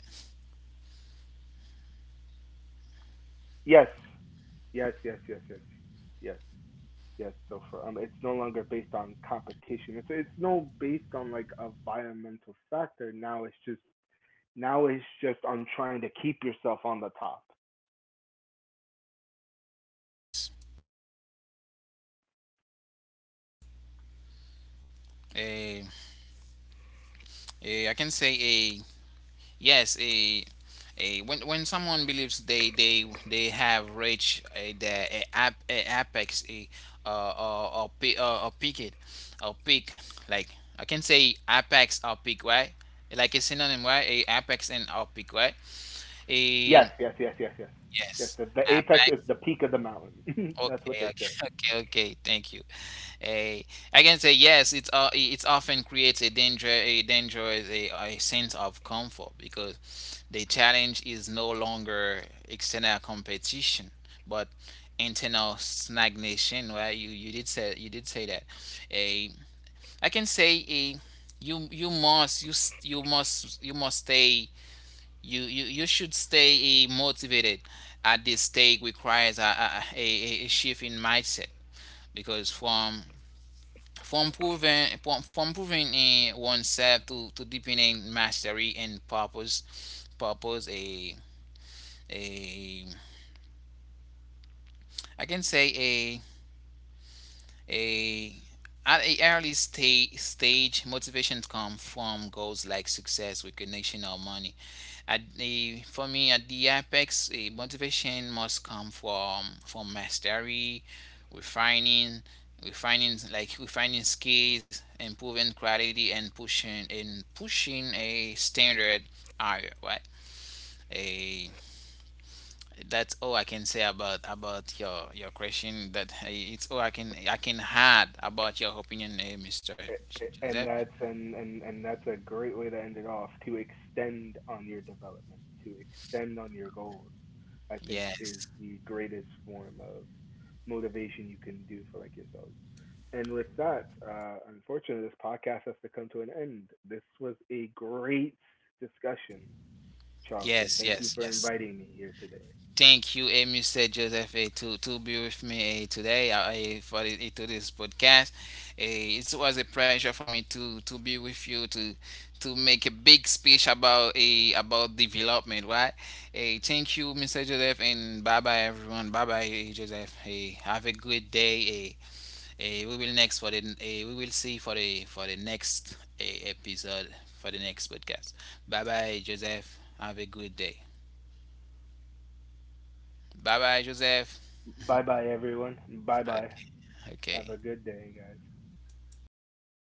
Speaker 2: Yes, yes, yes, yes, yes, yes, yes. So for it's no longer based on competition. It's no based on like a environmental factor. Now it's just on trying to keep yourself on the top.
Speaker 1: Uh, I can say yes. A When someone believes they have reached, the, a, ap, a apex, a or peak, or peak it or peak, like, I can say, apex or peak, right? Like a synonym, right? a Apex and or peak, right? a
Speaker 2: Yes. Yes,
Speaker 1: Yes.
Speaker 2: the apex is
Speaker 1: Apex.
Speaker 2: the peak of the mountain. That's what
Speaker 1: Okay,
Speaker 2: they
Speaker 1: okay,
Speaker 2: say.
Speaker 1: okay, okay. Thank you. Eh, I can say yes. It's often creates a dangerous, a sense of comfort because the challenge is no longer external competition, but internal stagnation. Well, you did say, that. A I can say, a you you must you must stay — you should stay, motivated. At this stage requires, a shift in mindset, because from proving, oneself to deepening mastery and purpose, a I can say. A. A At a stage, motivation comes from goals like success, recognition, or money. At the For me, at the apex, a motivation must come from mastery, refining, refining, like refining skills, improving quality, and pushing a standard higher, right? A That's all I can say about your question. That It's all I can add about your opinion, Mr. Joseph.
Speaker 2: And that's and that's a great way to end it off. To extend on your development, to extend on your goals, I think is
Speaker 1: Yes,
Speaker 2: the greatest form of motivation you can do for like yourselves. And with that, unfortunately, this podcast has to come to an end. This was a great discussion, Charlton.
Speaker 1: yes,
Speaker 2: Thank you
Speaker 1: yes,
Speaker 2: for
Speaker 1: yes.
Speaker 2: inviting me here today.
Speaker 1: Thank you, Mr. Joseph, to be with me today, for to this podcast. It was a pleasure for me to be with you to make a big speech about development, right? Hey, thank you, Mr. Joseph, and bye bye, everyone. Bye bye, Joseph. Hey, have a good day. Hey. We will see for the next, episode, for the next podcast. Bye bye, Joseph. Have a good day. Bye bye, Joseph.
Speaker 2: Bye bye, everyone. Bye bye.
Speaker 1: Okay.
Speaker 2: Have a
Speaker 1: Okay.
Speaker 2: good day, guys.